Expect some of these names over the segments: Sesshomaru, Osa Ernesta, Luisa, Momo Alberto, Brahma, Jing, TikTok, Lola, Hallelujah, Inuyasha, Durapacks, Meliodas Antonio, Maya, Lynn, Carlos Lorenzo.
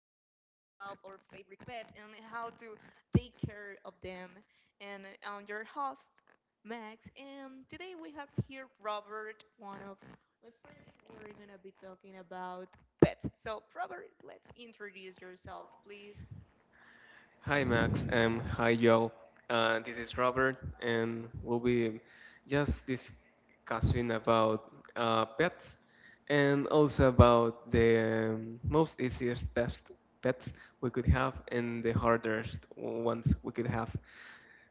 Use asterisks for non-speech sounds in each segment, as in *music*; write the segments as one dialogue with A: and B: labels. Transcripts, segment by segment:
A: our favorite pets and how to take care of them. And I'm your host, Max. And today we have here Robert, one of my friends. We're gonna be talking about pets. So, Robert, let's introduce yourself, please.
B: Hi Max, and hi Joel. This is Robert, and we'll be just discussing about pets and also about the most easiest best pets we could have and the hardest ones we could have.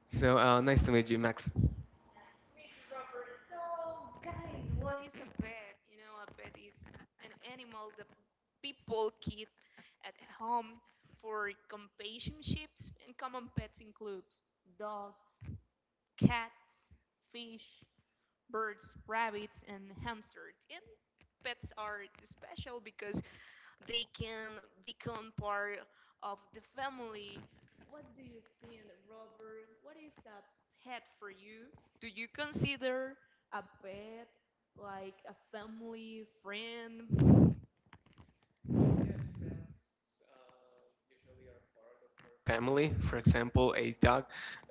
B: So nice to meet you, Max.
A: Guys, what is a pet? A pet is an animal that people keep at home for companionships, and common pets include dogs, cats, fish, birds, rabbits, and hamsters. And pets are special because they can become part of the family. What do you think, Robert? What is a pet for you? Do you consider a pet like a family friend?
B: Family, for example, a dog.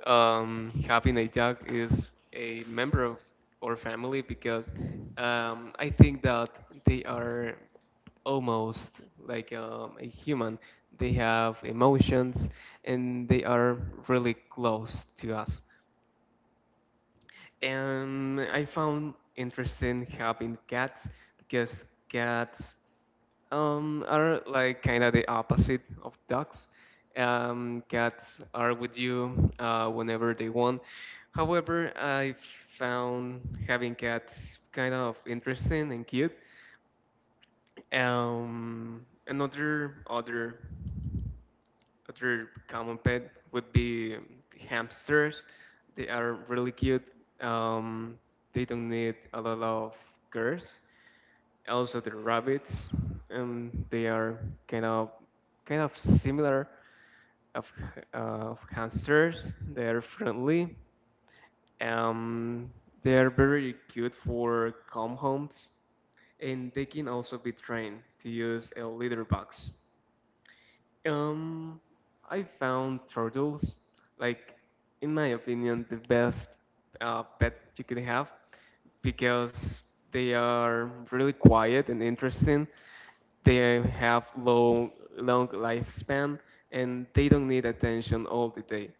B: Having a dog is a member of our family because I think that they are almost like a human. They have emotions and they are really close to us. And I found interesting having cats because cats are like kind of the opposite of dogs. Cats are with you whenever they want. However, I found having cats kind of interesting and cute. Another other Other common pet would be hamsters. They are really cute. Um, they don't need a lot of cares. Also, the rabbits, they are kind of kind of similar of, of hamsters. They are friendly. Um, they are very cute for calm homes, and they can also be trained to use a litter box. Um, I found turtles, like, in my opinion, the best pet you could have because they are really quiet and interesting. They have long lifespan and they don't need attention all the day.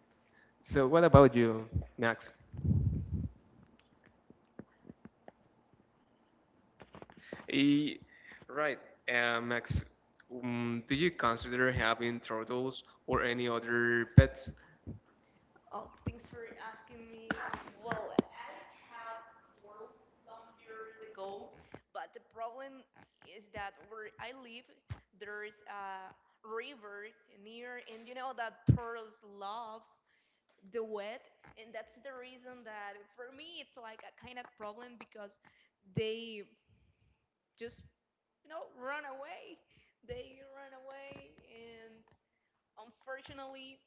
B: So, what about you, Max? Eh, right, Max, do you consider having turtles or any other pets?
A: Oh, thanks for asking me. Well, go, but the problem is that where I live, there is a river near, and you know that turtles love the wet, and that's the reason that for me it's like a kind of problem because they just run away. They run away, and unfortunately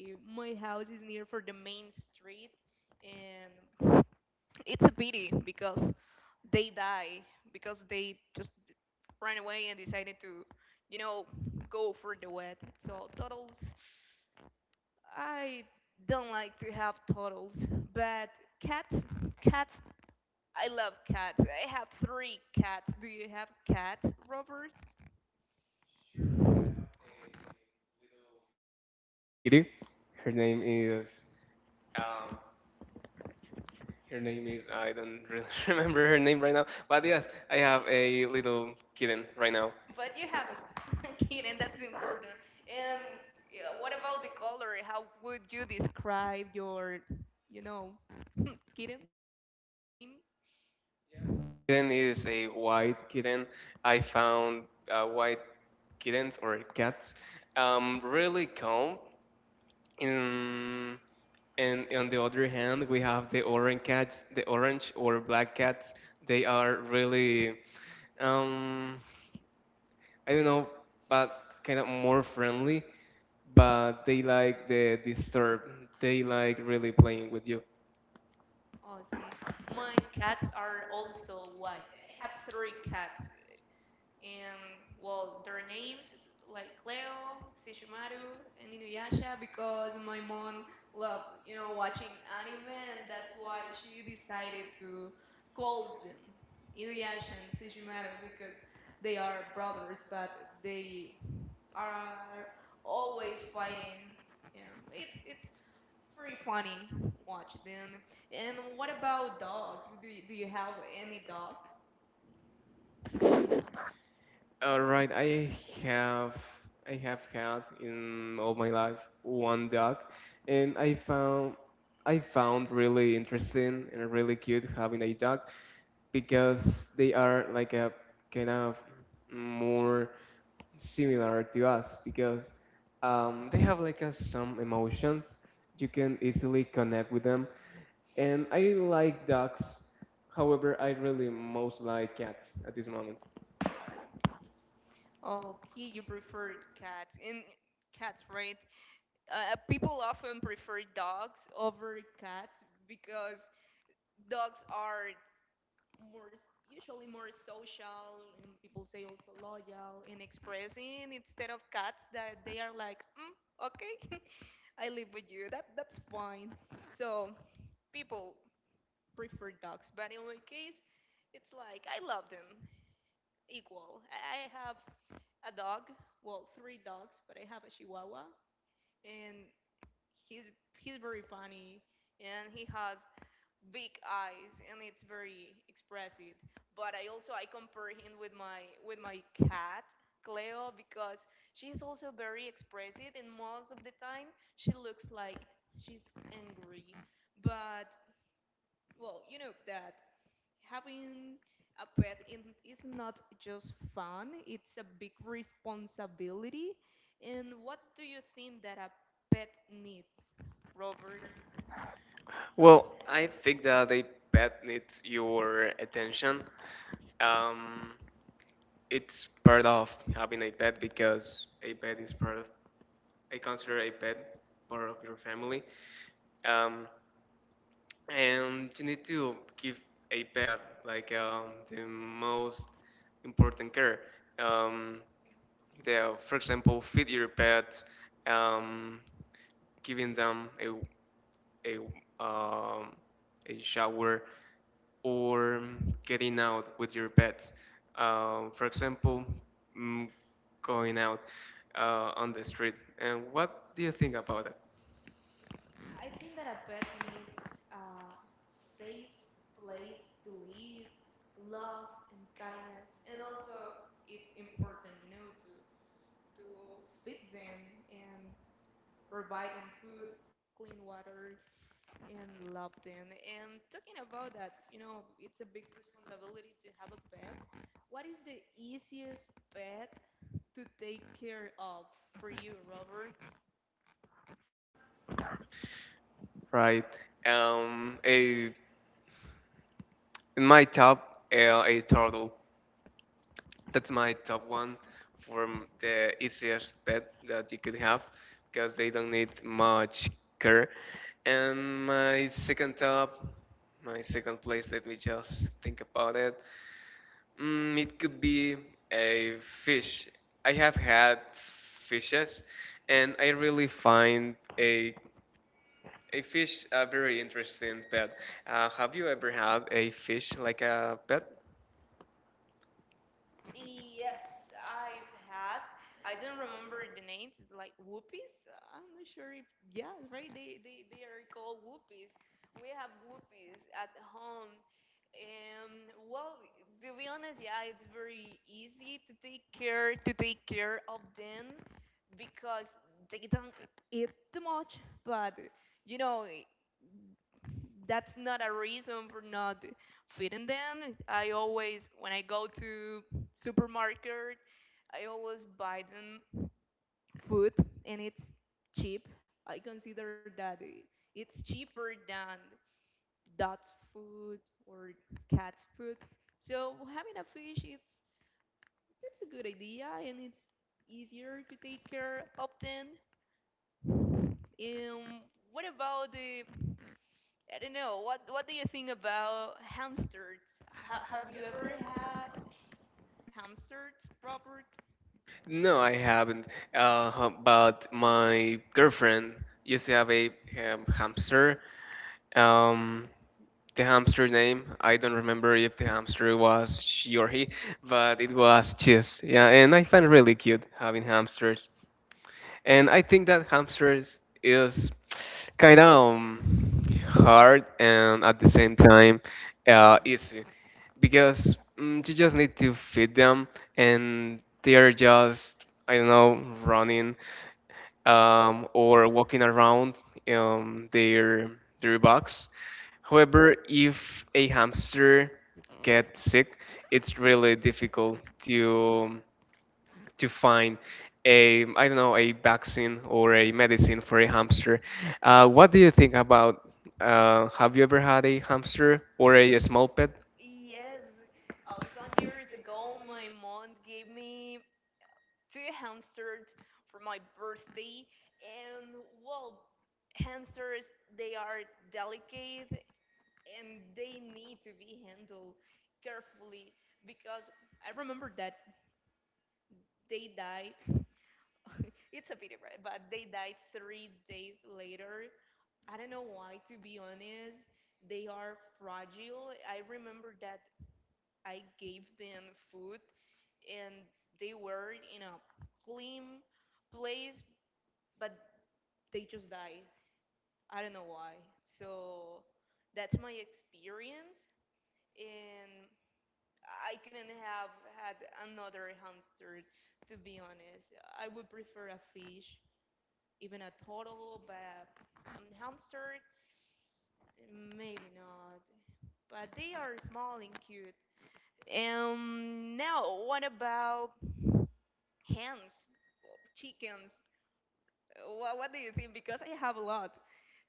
A: my house is near for the main street, and it's a pity because they die because they just ran away and decided to you know go for the wet. So turtles, I don't like to have turtles, but cats, cats. I love cats. I have three cats. Do you have cats, Robert?
B: Kitty, her name is. Um, I don't really *laughs* remember her name right now. But yes, I have
A: *laughs*
B: a little kitten right now.
A: But you have a *laughs* kid, and that's important. And yeah, what about the color? How would you describe your, you know, *laughs* kitten?
B: Kitten is a white kitten. I found white kittens or cats really calm. In, and on the other hand, we have the orange cat, the orange or black cats. They are really um, I don't know, but kind of more friendly. But they like the disturb. They like really playing with you.
A: Awesome. My cats are also white. I have three cats. And well, their names is like Cleo, Sesshomaru, and Inuyasha because my mom loved, watching anime, and that's why she decided to call them Inuyasha and Sesshomaru because they are brothers, but they are always fighting. It's pretty funny watching them. And what about dogs? Do you have any dog?
B: All right, have I have had in all my life one dog, and I found really interesting and really cute having a dog because they are like a kind of more similar to us because they have like some emotions you can easily connect with them, and I like dogs. However, I really most like cats at this moment.
A: Okay, you prefer cats. And cats, right? People often prefer dogs over cats because dogs are more usually more social, and people say also loyal and expressing instead of cats that they are like, okay, *laughs* I live with you. That's fine. So people prefer dogs, but in my case, it's like I love them equal. I have a dog. Well, three dogs, but I have a Chihuahua, and he's he's very funny, and he has big eyes, and it's very expressive. But I also I compare him with my cat. Cleo, because she's also very expressive, and most of the time she looks like she's angry. But well, you know that having a pet is not just fun, it's a big responsibility. And what do you think that a pet needs, Robert?
B: Well, I think that a pet needs your attention. Um, it's part of having a pet because a pet is I consider a pet part of your family. Um, and you need to give a pet like the most important care. Um, for example, feed your pet, um, giving them a, um, a shower, or getting out with your pets. For example, mm, going out on the street. And what do you think about it?
A: I think that a pet needs a safe place to live, love and kindness, and also it's important, to feed them and provide them food, clean water, and loved in. And talking about that, it's a big responsibility to have a pet. What is the easiest pet to take care of for you, Robert?
B: Right. Um, a, in my top, a turtle. That's my top one for the easiest pet that you could have because they don't need much care. And my second place, let me just think about it. It could be a fish. I have had fishes, and I really find a fish a very interesting pet. Have you ever had a fish like a pet?
A: Yes, I've had. I don't remember the names, like whoopies. I'm not sure if yeah, right. They are called whoopies. We have whoopies at home. Um, well, to be honest, yeah, it's very easy to take care of them because they don't eat too much. But you know, that's not a reason for not feeding them. I always, when I go to supermarket, I always buy them food, and it's cheap. I consider that it's cheaper than dog's food or cat's food. So having a fish, it's a good idea, and it's easier to take care of them. And what about the I don't know. What do you think about hamsters? Ha have you ever had hamsters, Robert?
B: No, I haven't. But my girlfriend used to have a hamster. Um, the hamster name, I don't remember if the hamster was she or he, but it was Cheese. Yeah, and I find really cute having hamsters. And I think that hamsters is kind of hard and at the same time easy because you just need to feed them and they are just, I don't know, running or walking around um, their, their box. However, if a hamster gets sick, it's really difficult to find a I don't know a vaccine or a medicine for a hamster. What do you think about? Have you ever had a hamster or a small pet?
A: Y- Yes. Some years ago, my mom gave me two hamsters for my birthday, and well, hamsters, they are delicate, and they need to be handled carefully because I remember that they died. *laughs* It's a pity, right? But they died 3 days later. I don't know why, to be honest. They are fragile. I remember that I gave them food and they were in a clean place, but they just died. I don't know why. So that's my experience. And I couldn't have had another hamster, to be honest. I would prefer a fish, even a turtle, but a hamster, maybe not. But they are small and cute. Now, what about hens, chickens? What do you think? Because I have a lot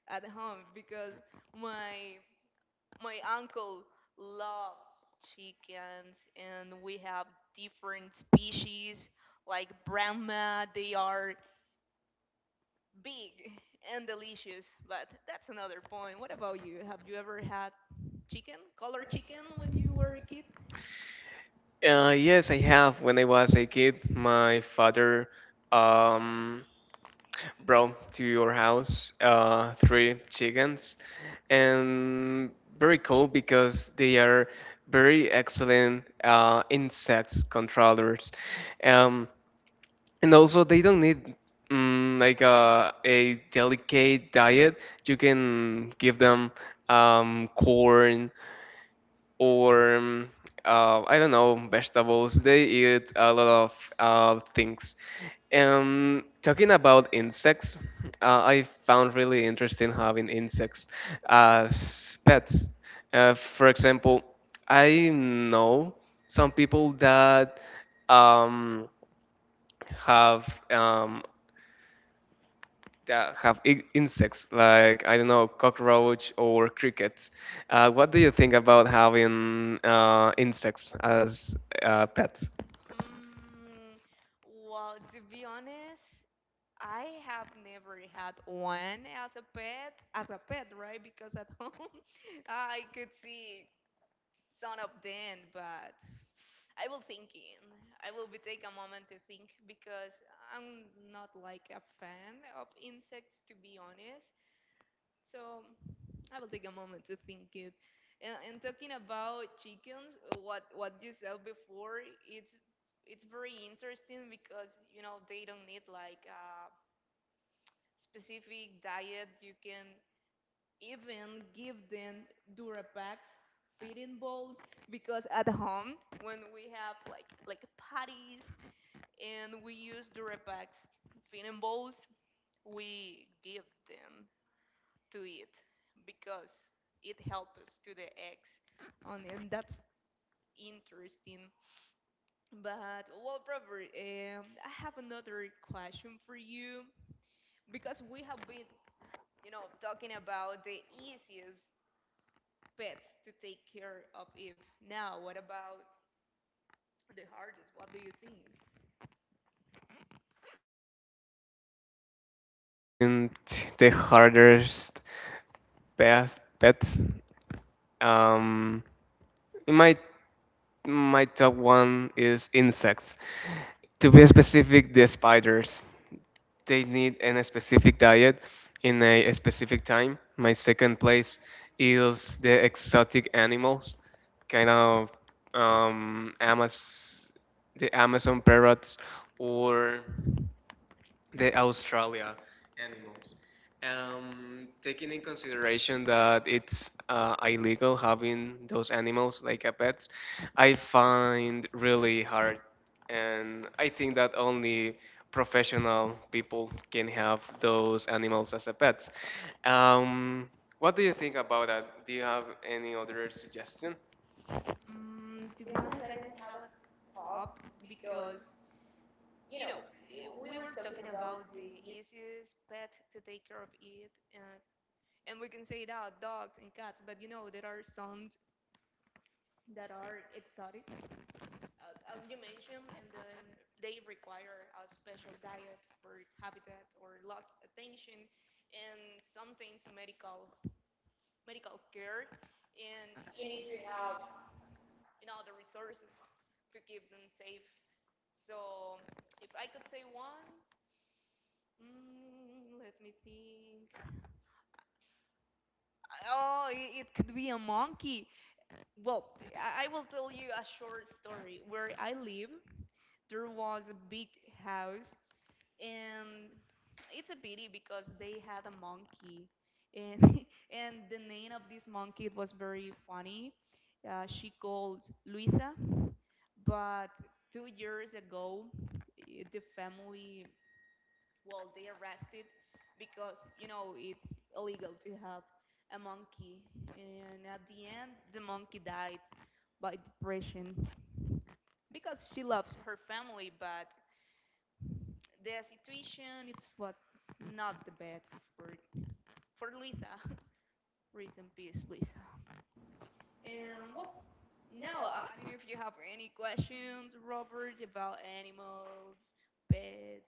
A: at home because my my uncle loves chickens, and we have different species like Brahma. They are big and delicious, but that's another point. What about you? Have you ever had chicken, colored chicken, when you were a kid?
B: Yes, I have. When I was a kid, my father um, brought to our house three chickens, and very cool because they are very excellent insect controllers. Um, And also, they don't need like a delicate diet. You can give them corn or I don't know vegetables. They eat a lot of things. Talking about insects, I found really interesting having insects as pets. For example, I know some people um, have um, that have insects like I don't know cockroach or crickets. What do you think about having insects as pets?
A: Mm, well, to be honest, I have never had one as a pet, right? Because at *laughs* home I could see son of Dan, but I will thinking. I will be take a moment to think because I'm not like a fan of insects, to be honest. So I will take a moment to think it. And talking about chickens, what you said before, it's very interesting because they don't need like a specific diet. You can even give them Durapacks, feeding bowls, because at home when we have like patties, and we use Durapacks feeding bowls, we give them to it because it helps us to the eggs, and that's interesting. But well, Robert, I have another question for you because we have been, talking about the easiest pet to take care of. If now, what about the hardest? What do you think?
B: And the hardest pets. Um, my my top one is insects. To be specific, the spiders. They need in a specific diet in a specific time. My second place is the exotic animals, kind of um, Amaz- the Amazon parrots or the Australia animals. Taking in consideration that it's illegal having those animals like a pet, I find really hard, and I think that only professional people can have those animals as a pets. Um, what do you think about that? Do you have any other suggestion?
A: To be honest, I don't have a top because you know we were talking about the easiest pet to take care of it, and we can say that dogs and cats, but there are some that are exotic as you mentioned, and then they require a special diet or habitat or lots of attention and sometimes medical care, and you need to have the resources to keep them safe. So if I could say one, let me think. Oh, it could be a monkey. Well, I will tell you a short story. Where I live, there was a big house, and it's a pity because they had a monkey, and *laughs* and the name of this monkey was very funny. She called Luisa, but 2 years ago, the family, well, they arrested because, it's illegal to have a monkey. And at the end, the monkey died by depression because she loves her family, but the situation it's what's not the best for for Luisa. *laughs* Rest in peace, Luisa. And well, now I don't know if you have any questions, Robert, about animals, pets.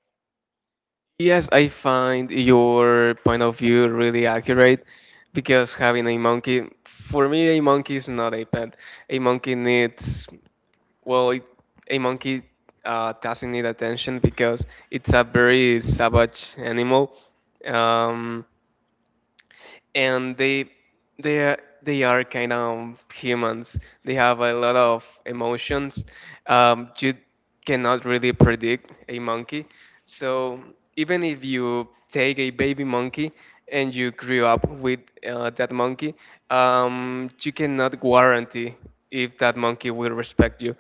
B: Yes, I find your point of view really accurate because having a monkey, for me, a monkey is not a pet. A monkey needs, well, a monkey doesn't need attention because it's a very savage animal. Um, and they are, they are kind of humans. They have a lot of emotions. You cannot really predict a monkey. So even if you take a baby monkey and you grew up with that monkey, you cannot guarantee if that monkey will respect you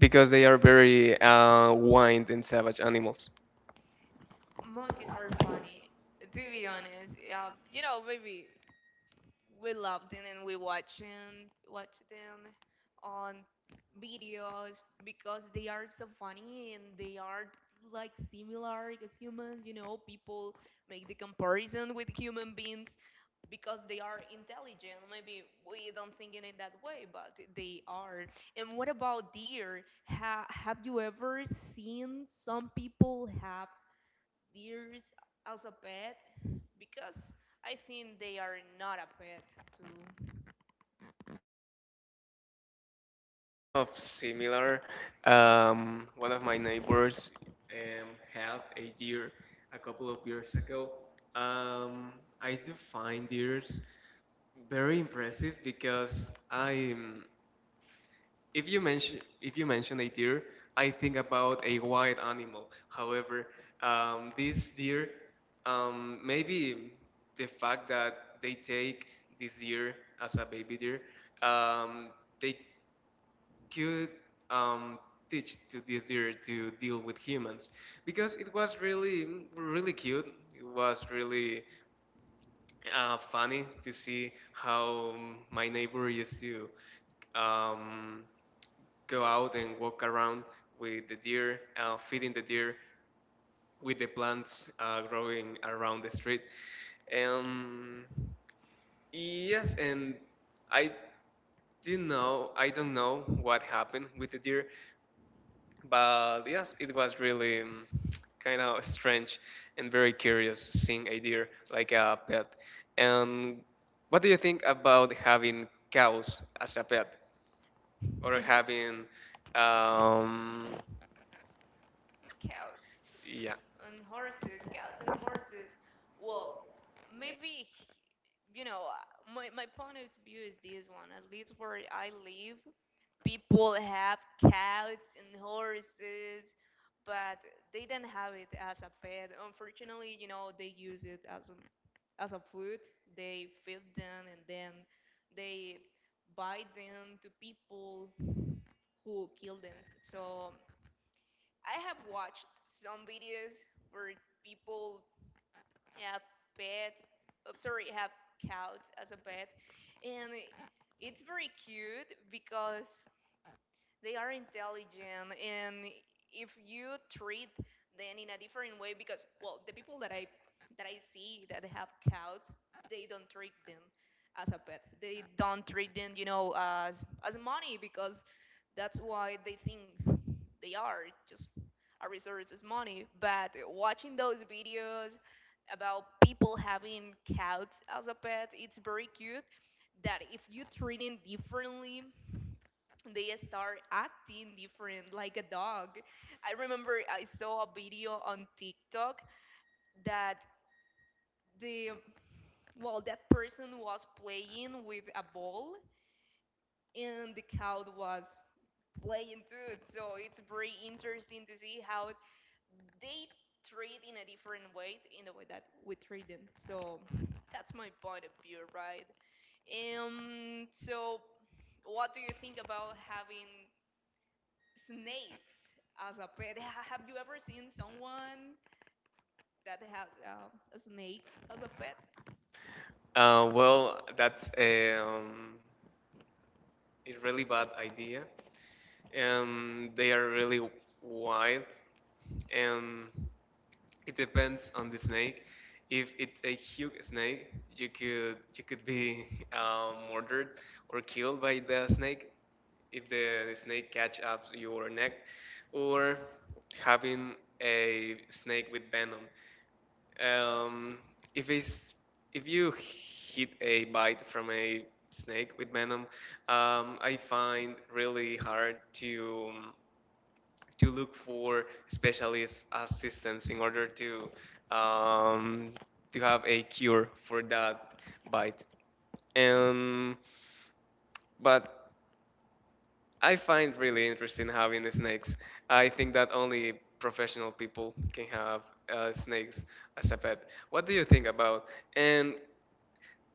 B: because they are very wild and savage animals.
A: Monkeys are funny, to be honest. Maybe we love them, and we watch and watch them on videos because they are so funny, and they are like similar as humans. People make the comparison with human beings because they are intelligent. Maybe we don't think in it that way, but they are. And what about deer? Have you ever seen some people have deers as a pet? Because I think they are not a pet
B: Of similar. One of my neighbors had a deer a couple of years ago. Um, I do find deers very impressive because I, if you mention a deer, I think about a wild animal. However, this deer, maybe the fact that they take this deer as a baby deer, um, they could um, teach to this deer to deal with humans because it was really really cute. It was really funny to see how my neighbor used to um, go out and walk around with the deer feeding the deer with the plants growing around the street. um, yes, and i I don't know what happened with the deer, but yes, it was really kind of strange and very curious seeing a deer like a pet. And what do you think about having cows as a pet or
A: too. *laughs*
B: um,
A: Cows
B: yeah,
A: and horses, cows and horses. Well, maybe, you know, my point of view is this one. At least where I live, people have cows and horses, but they don't have it as a pet. Unfortunately, they use it as a food. They feed them and then they buy them to people who kill them. So I have watched some videos where people have pets, oh, sorry, have cows as a pet, and it's very cute because they are intelligent, and if you treat them in a different way because well the people that I see that have cats, they don't treat them as a pet. They don't treat them as money because that's why they think they are just a resource is money. But watching those videos about people having cats as a pet, it's very cute that if you treat them differently they start acting different, like a dog. I remember I saw a video on TikTok that the well that person was playing with a ball, and the cow was playing too. So it's very interesting to see how they treat in a different way in the way that we treat them. So that's my point of view, right? So what do you think about having Snakes as a pet? Have you ever seen someone that has a snake as a pet?
B: well, that's a really bad idea. And they are really wild. And it depends on the snake. If it's a huge snake, you could be murdered or killed by the snake if the snake catch up your neck, or having a snake with venom. Um, if it's if you hit a bite from a snake with venom, I find really hard to look for specialist assistance in order um, to have a cure for that bite. And but I find really interesting having the snakes. I think that only professional people can have snakes as a pet. What do you think about? And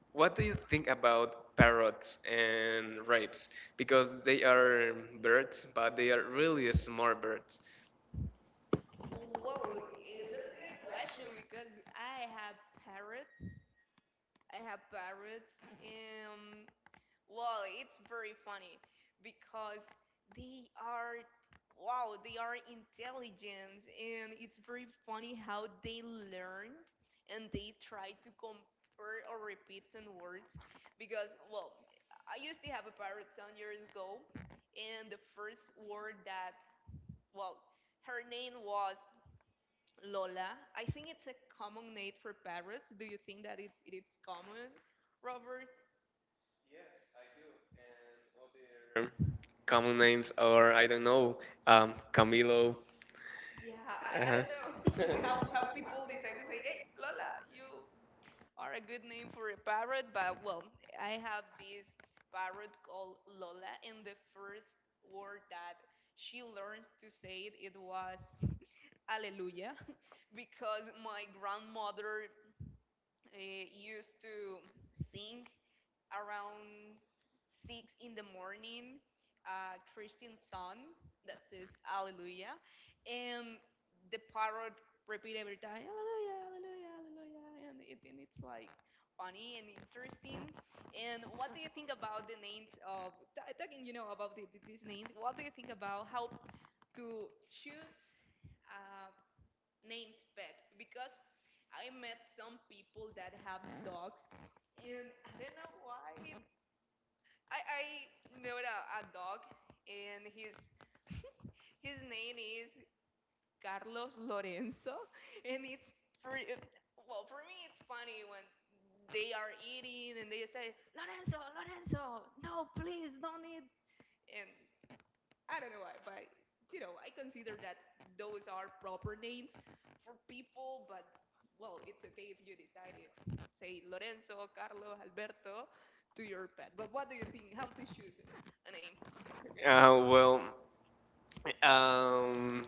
B: what do you think about parrots and rapes? Because they are birds, but they are really smart birds.
A: Well, that's a good question because I have parrots. I have parrots. Um, Well, it's very funny because they are, wow, they are intelligent, and it's very funny how they learn and they try to compare or repeat some words. Because, well, I used to have a parrot some years ago, and the first word that, well, her name was Lola. I think it's a common name for parrots. Do you think that it is common, Robert?
B: Common names are I don't know, Camilo.
A: Yeah, I
B: Uh,
A: don't know *laughs* how people decide to say, "Hey, Lola, you are a good name for a parrot," but well, I have this parrot called Lola, and the first word that she learns to say it was *laughs* Alleluia, *laughs* because my grandmother used to sing around 6 in the morning, a Christian song that says Hallelujah, and the parrot repeat every time Hallelujah, Hallelujah, Hallelujah, and and it's like funny and interesting. And what do you think about the names of talking? You know about these names. What do you think about how to choose uh, names pet? Because I met some people that have dogs, and I don't know why I know a dog, and his *laughs* his name is Carlos Lorenzo, and it's pretty, well, for me it's funny when they are eating and they say, "Lorenzo, Lorenzo, no, please don't eat," and I don't know why, but I consider that those are proper names for people, but well, it's okay if you decide it. Say Lorenzo, Carlos, Alberto to your pet. But what do you think? How to choose a name?
B: *laughs* well, um,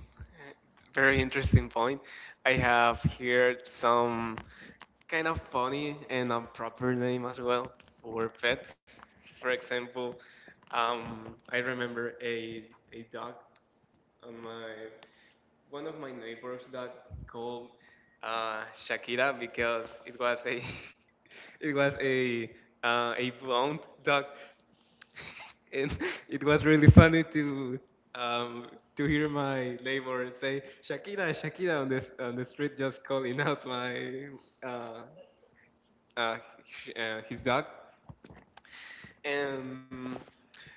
B: very interesting point. I have here some kind of funny and improper name as well for pets. For example, I remember a dog on my one of my neighbors that called Shakira because it was a *laughs* it was a blonde dog, *laughs* and it was really funny um, to hear my neighbor say Shakira, Shakira on this on the street, just calling out uh, uh, his dog, and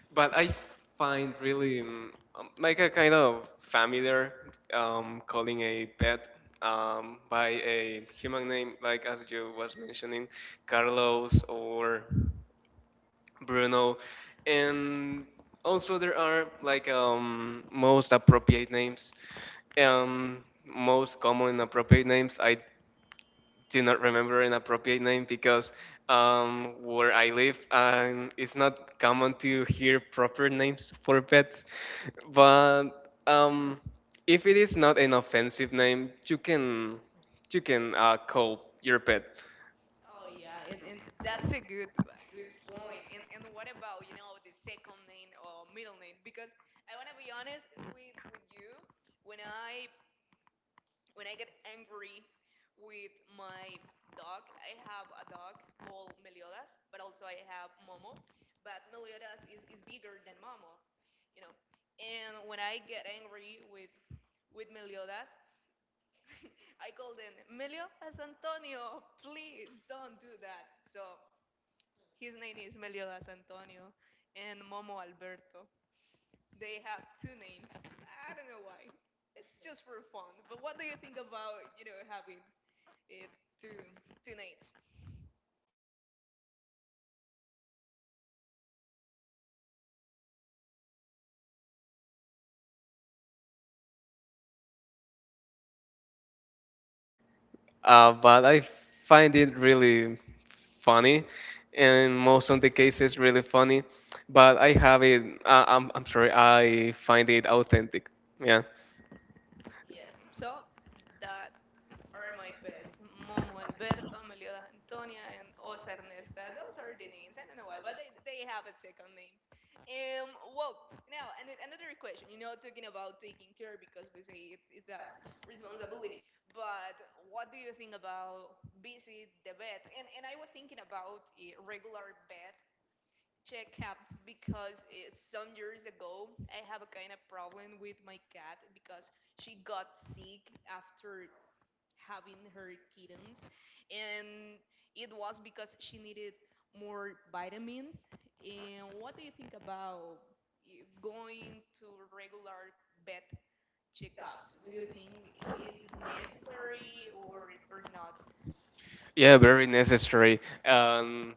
B: but I find really like a kind of familiar calling a pet by a human name, like as you was mentioning, Carlos or Bruno, and also there are like most appropriate names. Um, most common appropriate names. I do not remember an appropriate name because where I live, it's not common to hear proper names for pets. But if it is not an offensive name, you can call your pet.
A: Oh yeah, and that's a good point. And what about, the second name or middle name? Because I wanna be honest with you, when I when I get angry with my dog, I have a dog called Meliodas, but also I have Momo. But Meliodas is bigger than Momo, you know. And when I get angry with Meliodas, *laughs* I call them Meliodas Antonio. "Please don't do that." So his name is Meliodas Antonio, and Momo Alberto. They have two names. I don't know why. It's just for fun. But what do you think about having eh, two two names?
B: But I find it really funny, and most of the cases really funny. But I have it. I'm sorry. I find it authentic. Yeah.
A: Yes. So that are my pets: Momo Alberto, Meliodas Antonia, and Osa Ernesta. Those are the names. I don't know why, but they have a second names. Well, now and another question. You know, talking about taking care because we say it's a responsibility. But what do you think about visit the vet? And I was thinking about regular vet Checkups because some years ago I have a kind of problem with my cat because she got sick after having her kittens, and it was because she needed more vitamins. And what do you think about going to regular vet checkups? Do you think is it necessary or not?
B: Yeah, very necessary.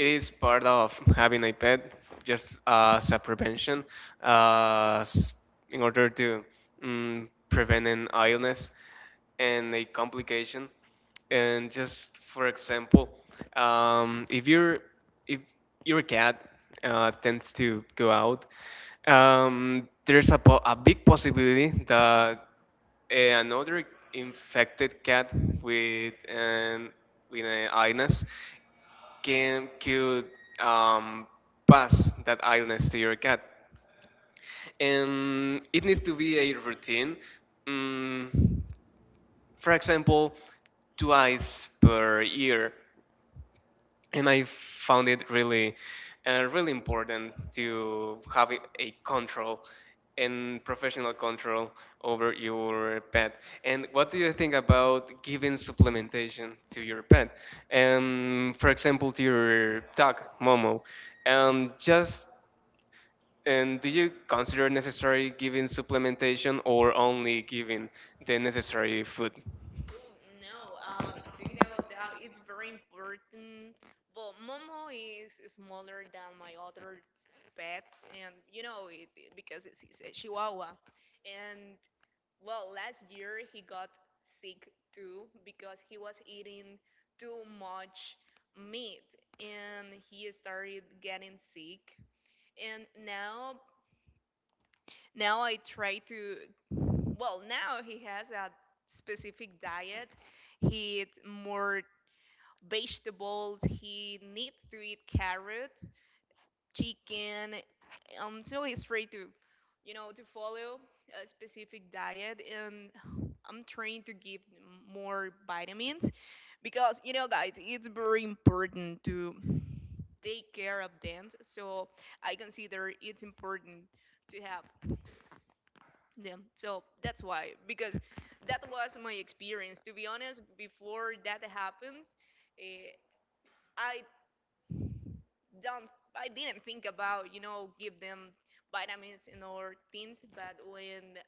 B: It is part of having a pet, just as a prevention, uh, s- in order to prevent an illness and a complication. And just for example, um, if your if your cat tends to go out, there's a big possibility that another infected cat with an with an illness can could um, pass that illness to your cat. And it needs to be a routine. Mm, for example, twice per year, and I found it really important to have a control and professional control over your pet. And what do you think about giving supplementation to your pet? For example, to your dog Momo. Just and do you consider necessary giving supplementation or only giving the necessary food?
A: Oh no, talking about that, it's very important. Well, Momo is smaller than my other pets, and because it's a Chihuahua. And well, last year he got sick too because he was eating too much meat, and he started getting sick. And now, now I try to, well, now he has a specific diet. He eats more vegetables. He needs to eat carrots, chicken, until he's free to follow a specific diet. And I'm trying to give him more vitamins because, guys, it's very important to take care of them. So I consider it's important to have, yeah, so that's why, because that was my experience. To be honest, before that happens, eh, I don't, I didn't think about, give them vitamins and or things. But when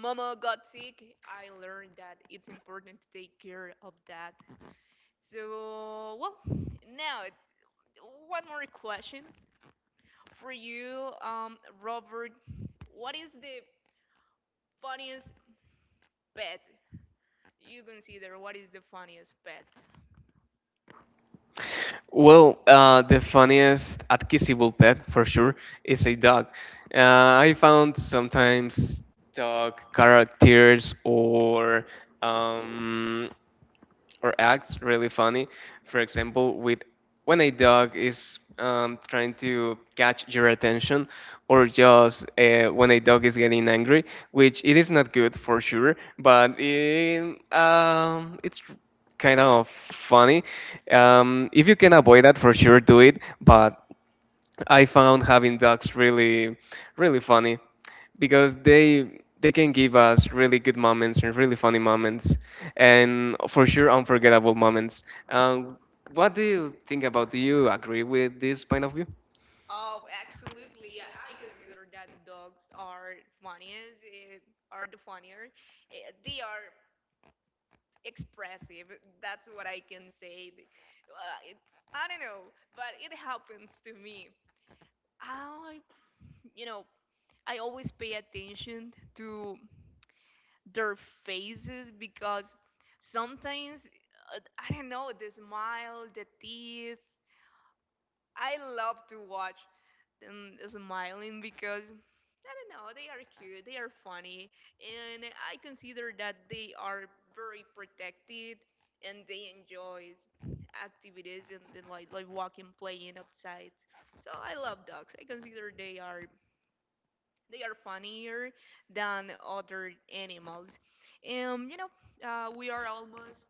A: Mama got sick, I learned that it's important to take care of that. So, well, now it's one more question for you, Robert. What is the funniest pet? You consider what is the funniest pet?
B: Well, the funniest accessible pet for sure is a dog. Uh, I found sometimes dog characters um, or acts really funny. For example, with when a dog is trying to catch your attention, or just when a dog is getting angry, which it is not good for sure, but it's kind of funny. If you can avoid that, for sure do it. But I found having dogs really, really funny because they can give us really good moments and really funny moments and for sure unforgettable moments. Um, what do you think about? Do you agree with this point of view?
A: Oh, absolutely. I consider that dogs are funniest, are the funnier. They are expressive. That's what I can say. It's, I don't know, but it happens to me. I, you know, I always pay attention to their faces because sometimes, I don't know, the smile, the teeth, I love to watch them smiling because I don't know, they are cute, they are funny, and I consider that they are very protected and they enjoy activities and, and like walking, playing outside. So I love dogs. I consider they are funnier than other animals. Um, you know, we are almost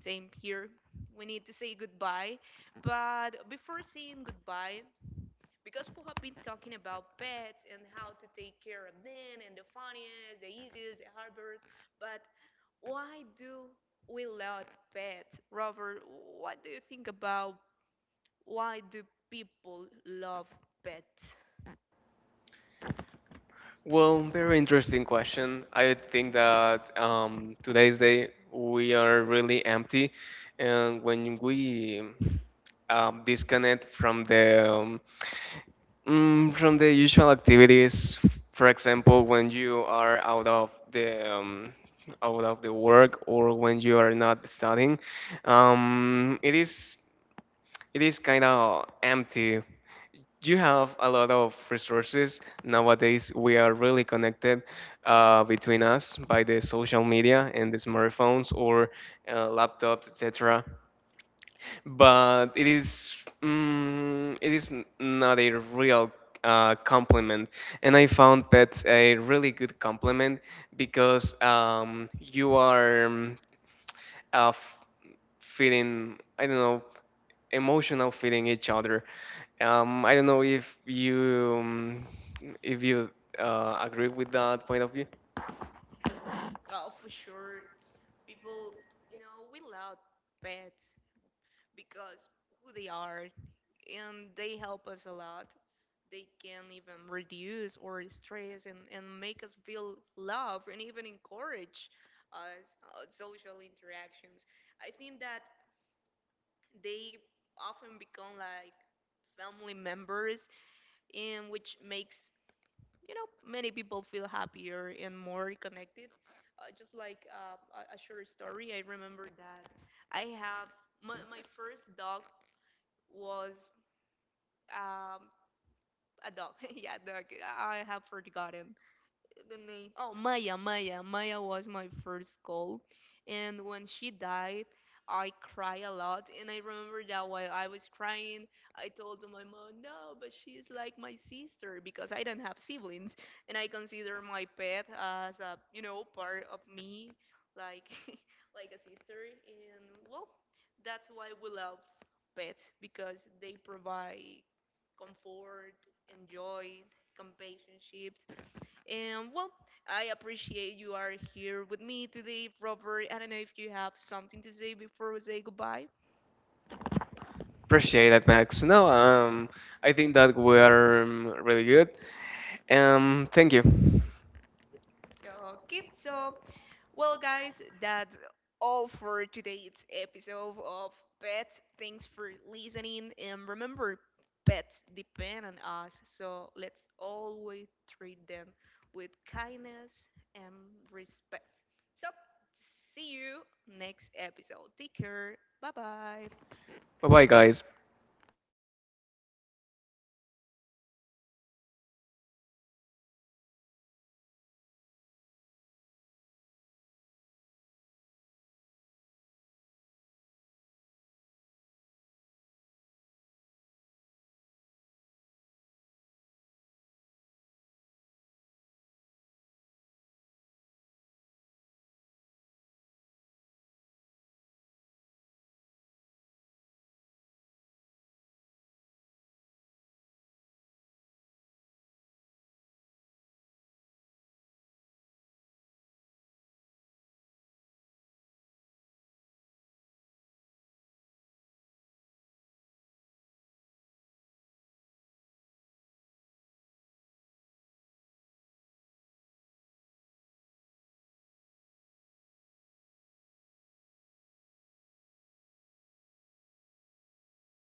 A: same here. We need to say goodbye, but before saying goodbye, because we have been talking about pets and how to take care of them and the funniest, the easiest, the hardest, but why do we love pets? Robert, what do you think about why do people love pets?
B: Well, very interesting question. I think that today's day we are really empty, and when we disconnect from the usual activities, for example, when you are out of the work or when you are not studying, um, it is. it is kind of empty. You have a lot of resources nowadays. We are really connected between us by the social media and the smartphones or laptops, etc. But it is not a real complement. And I found pets a really good complement because you are uh, f- feeling I don't know emotional feeling each other. I don't know if you agree with that point of view.
A: Oh, for sure, people, we love pets because who they are and they help us a lot. They can even reduce our stress and make us feel love and even encourage us social interactions. I think that they often become like family members and which makes many people feel happier and more connected, just like a short story. I remember that I have my first dog was, um, a dog. *laughs* Yeah, dog. I have forgotten the name. Oh, Maya, Maya, Maya was my first goal, and when she died, I cried a lot. And I remember that while I was crying, I told to my mom, "No, but she's like my sister because I don't have siblings, and I consider my pet as a, part of me, like *laughs* like a sister." And well, that's why we love pets, because they provide comfort, and joy, companionship, and well, I appreciate you are here with me today, Robert. I don't know if you have something to say before we say goodbye.
B: Appreciate that, Max. No, I think that we are really good. Thank you.
A: So keep so Well, guys, that's all for today's episode of Pets. Thanks for listening, and remember, pets depend on us. So let's always treat them with kindness and respect. So see you next episode. Take care. Bye bye.
B: Bye bye, guys.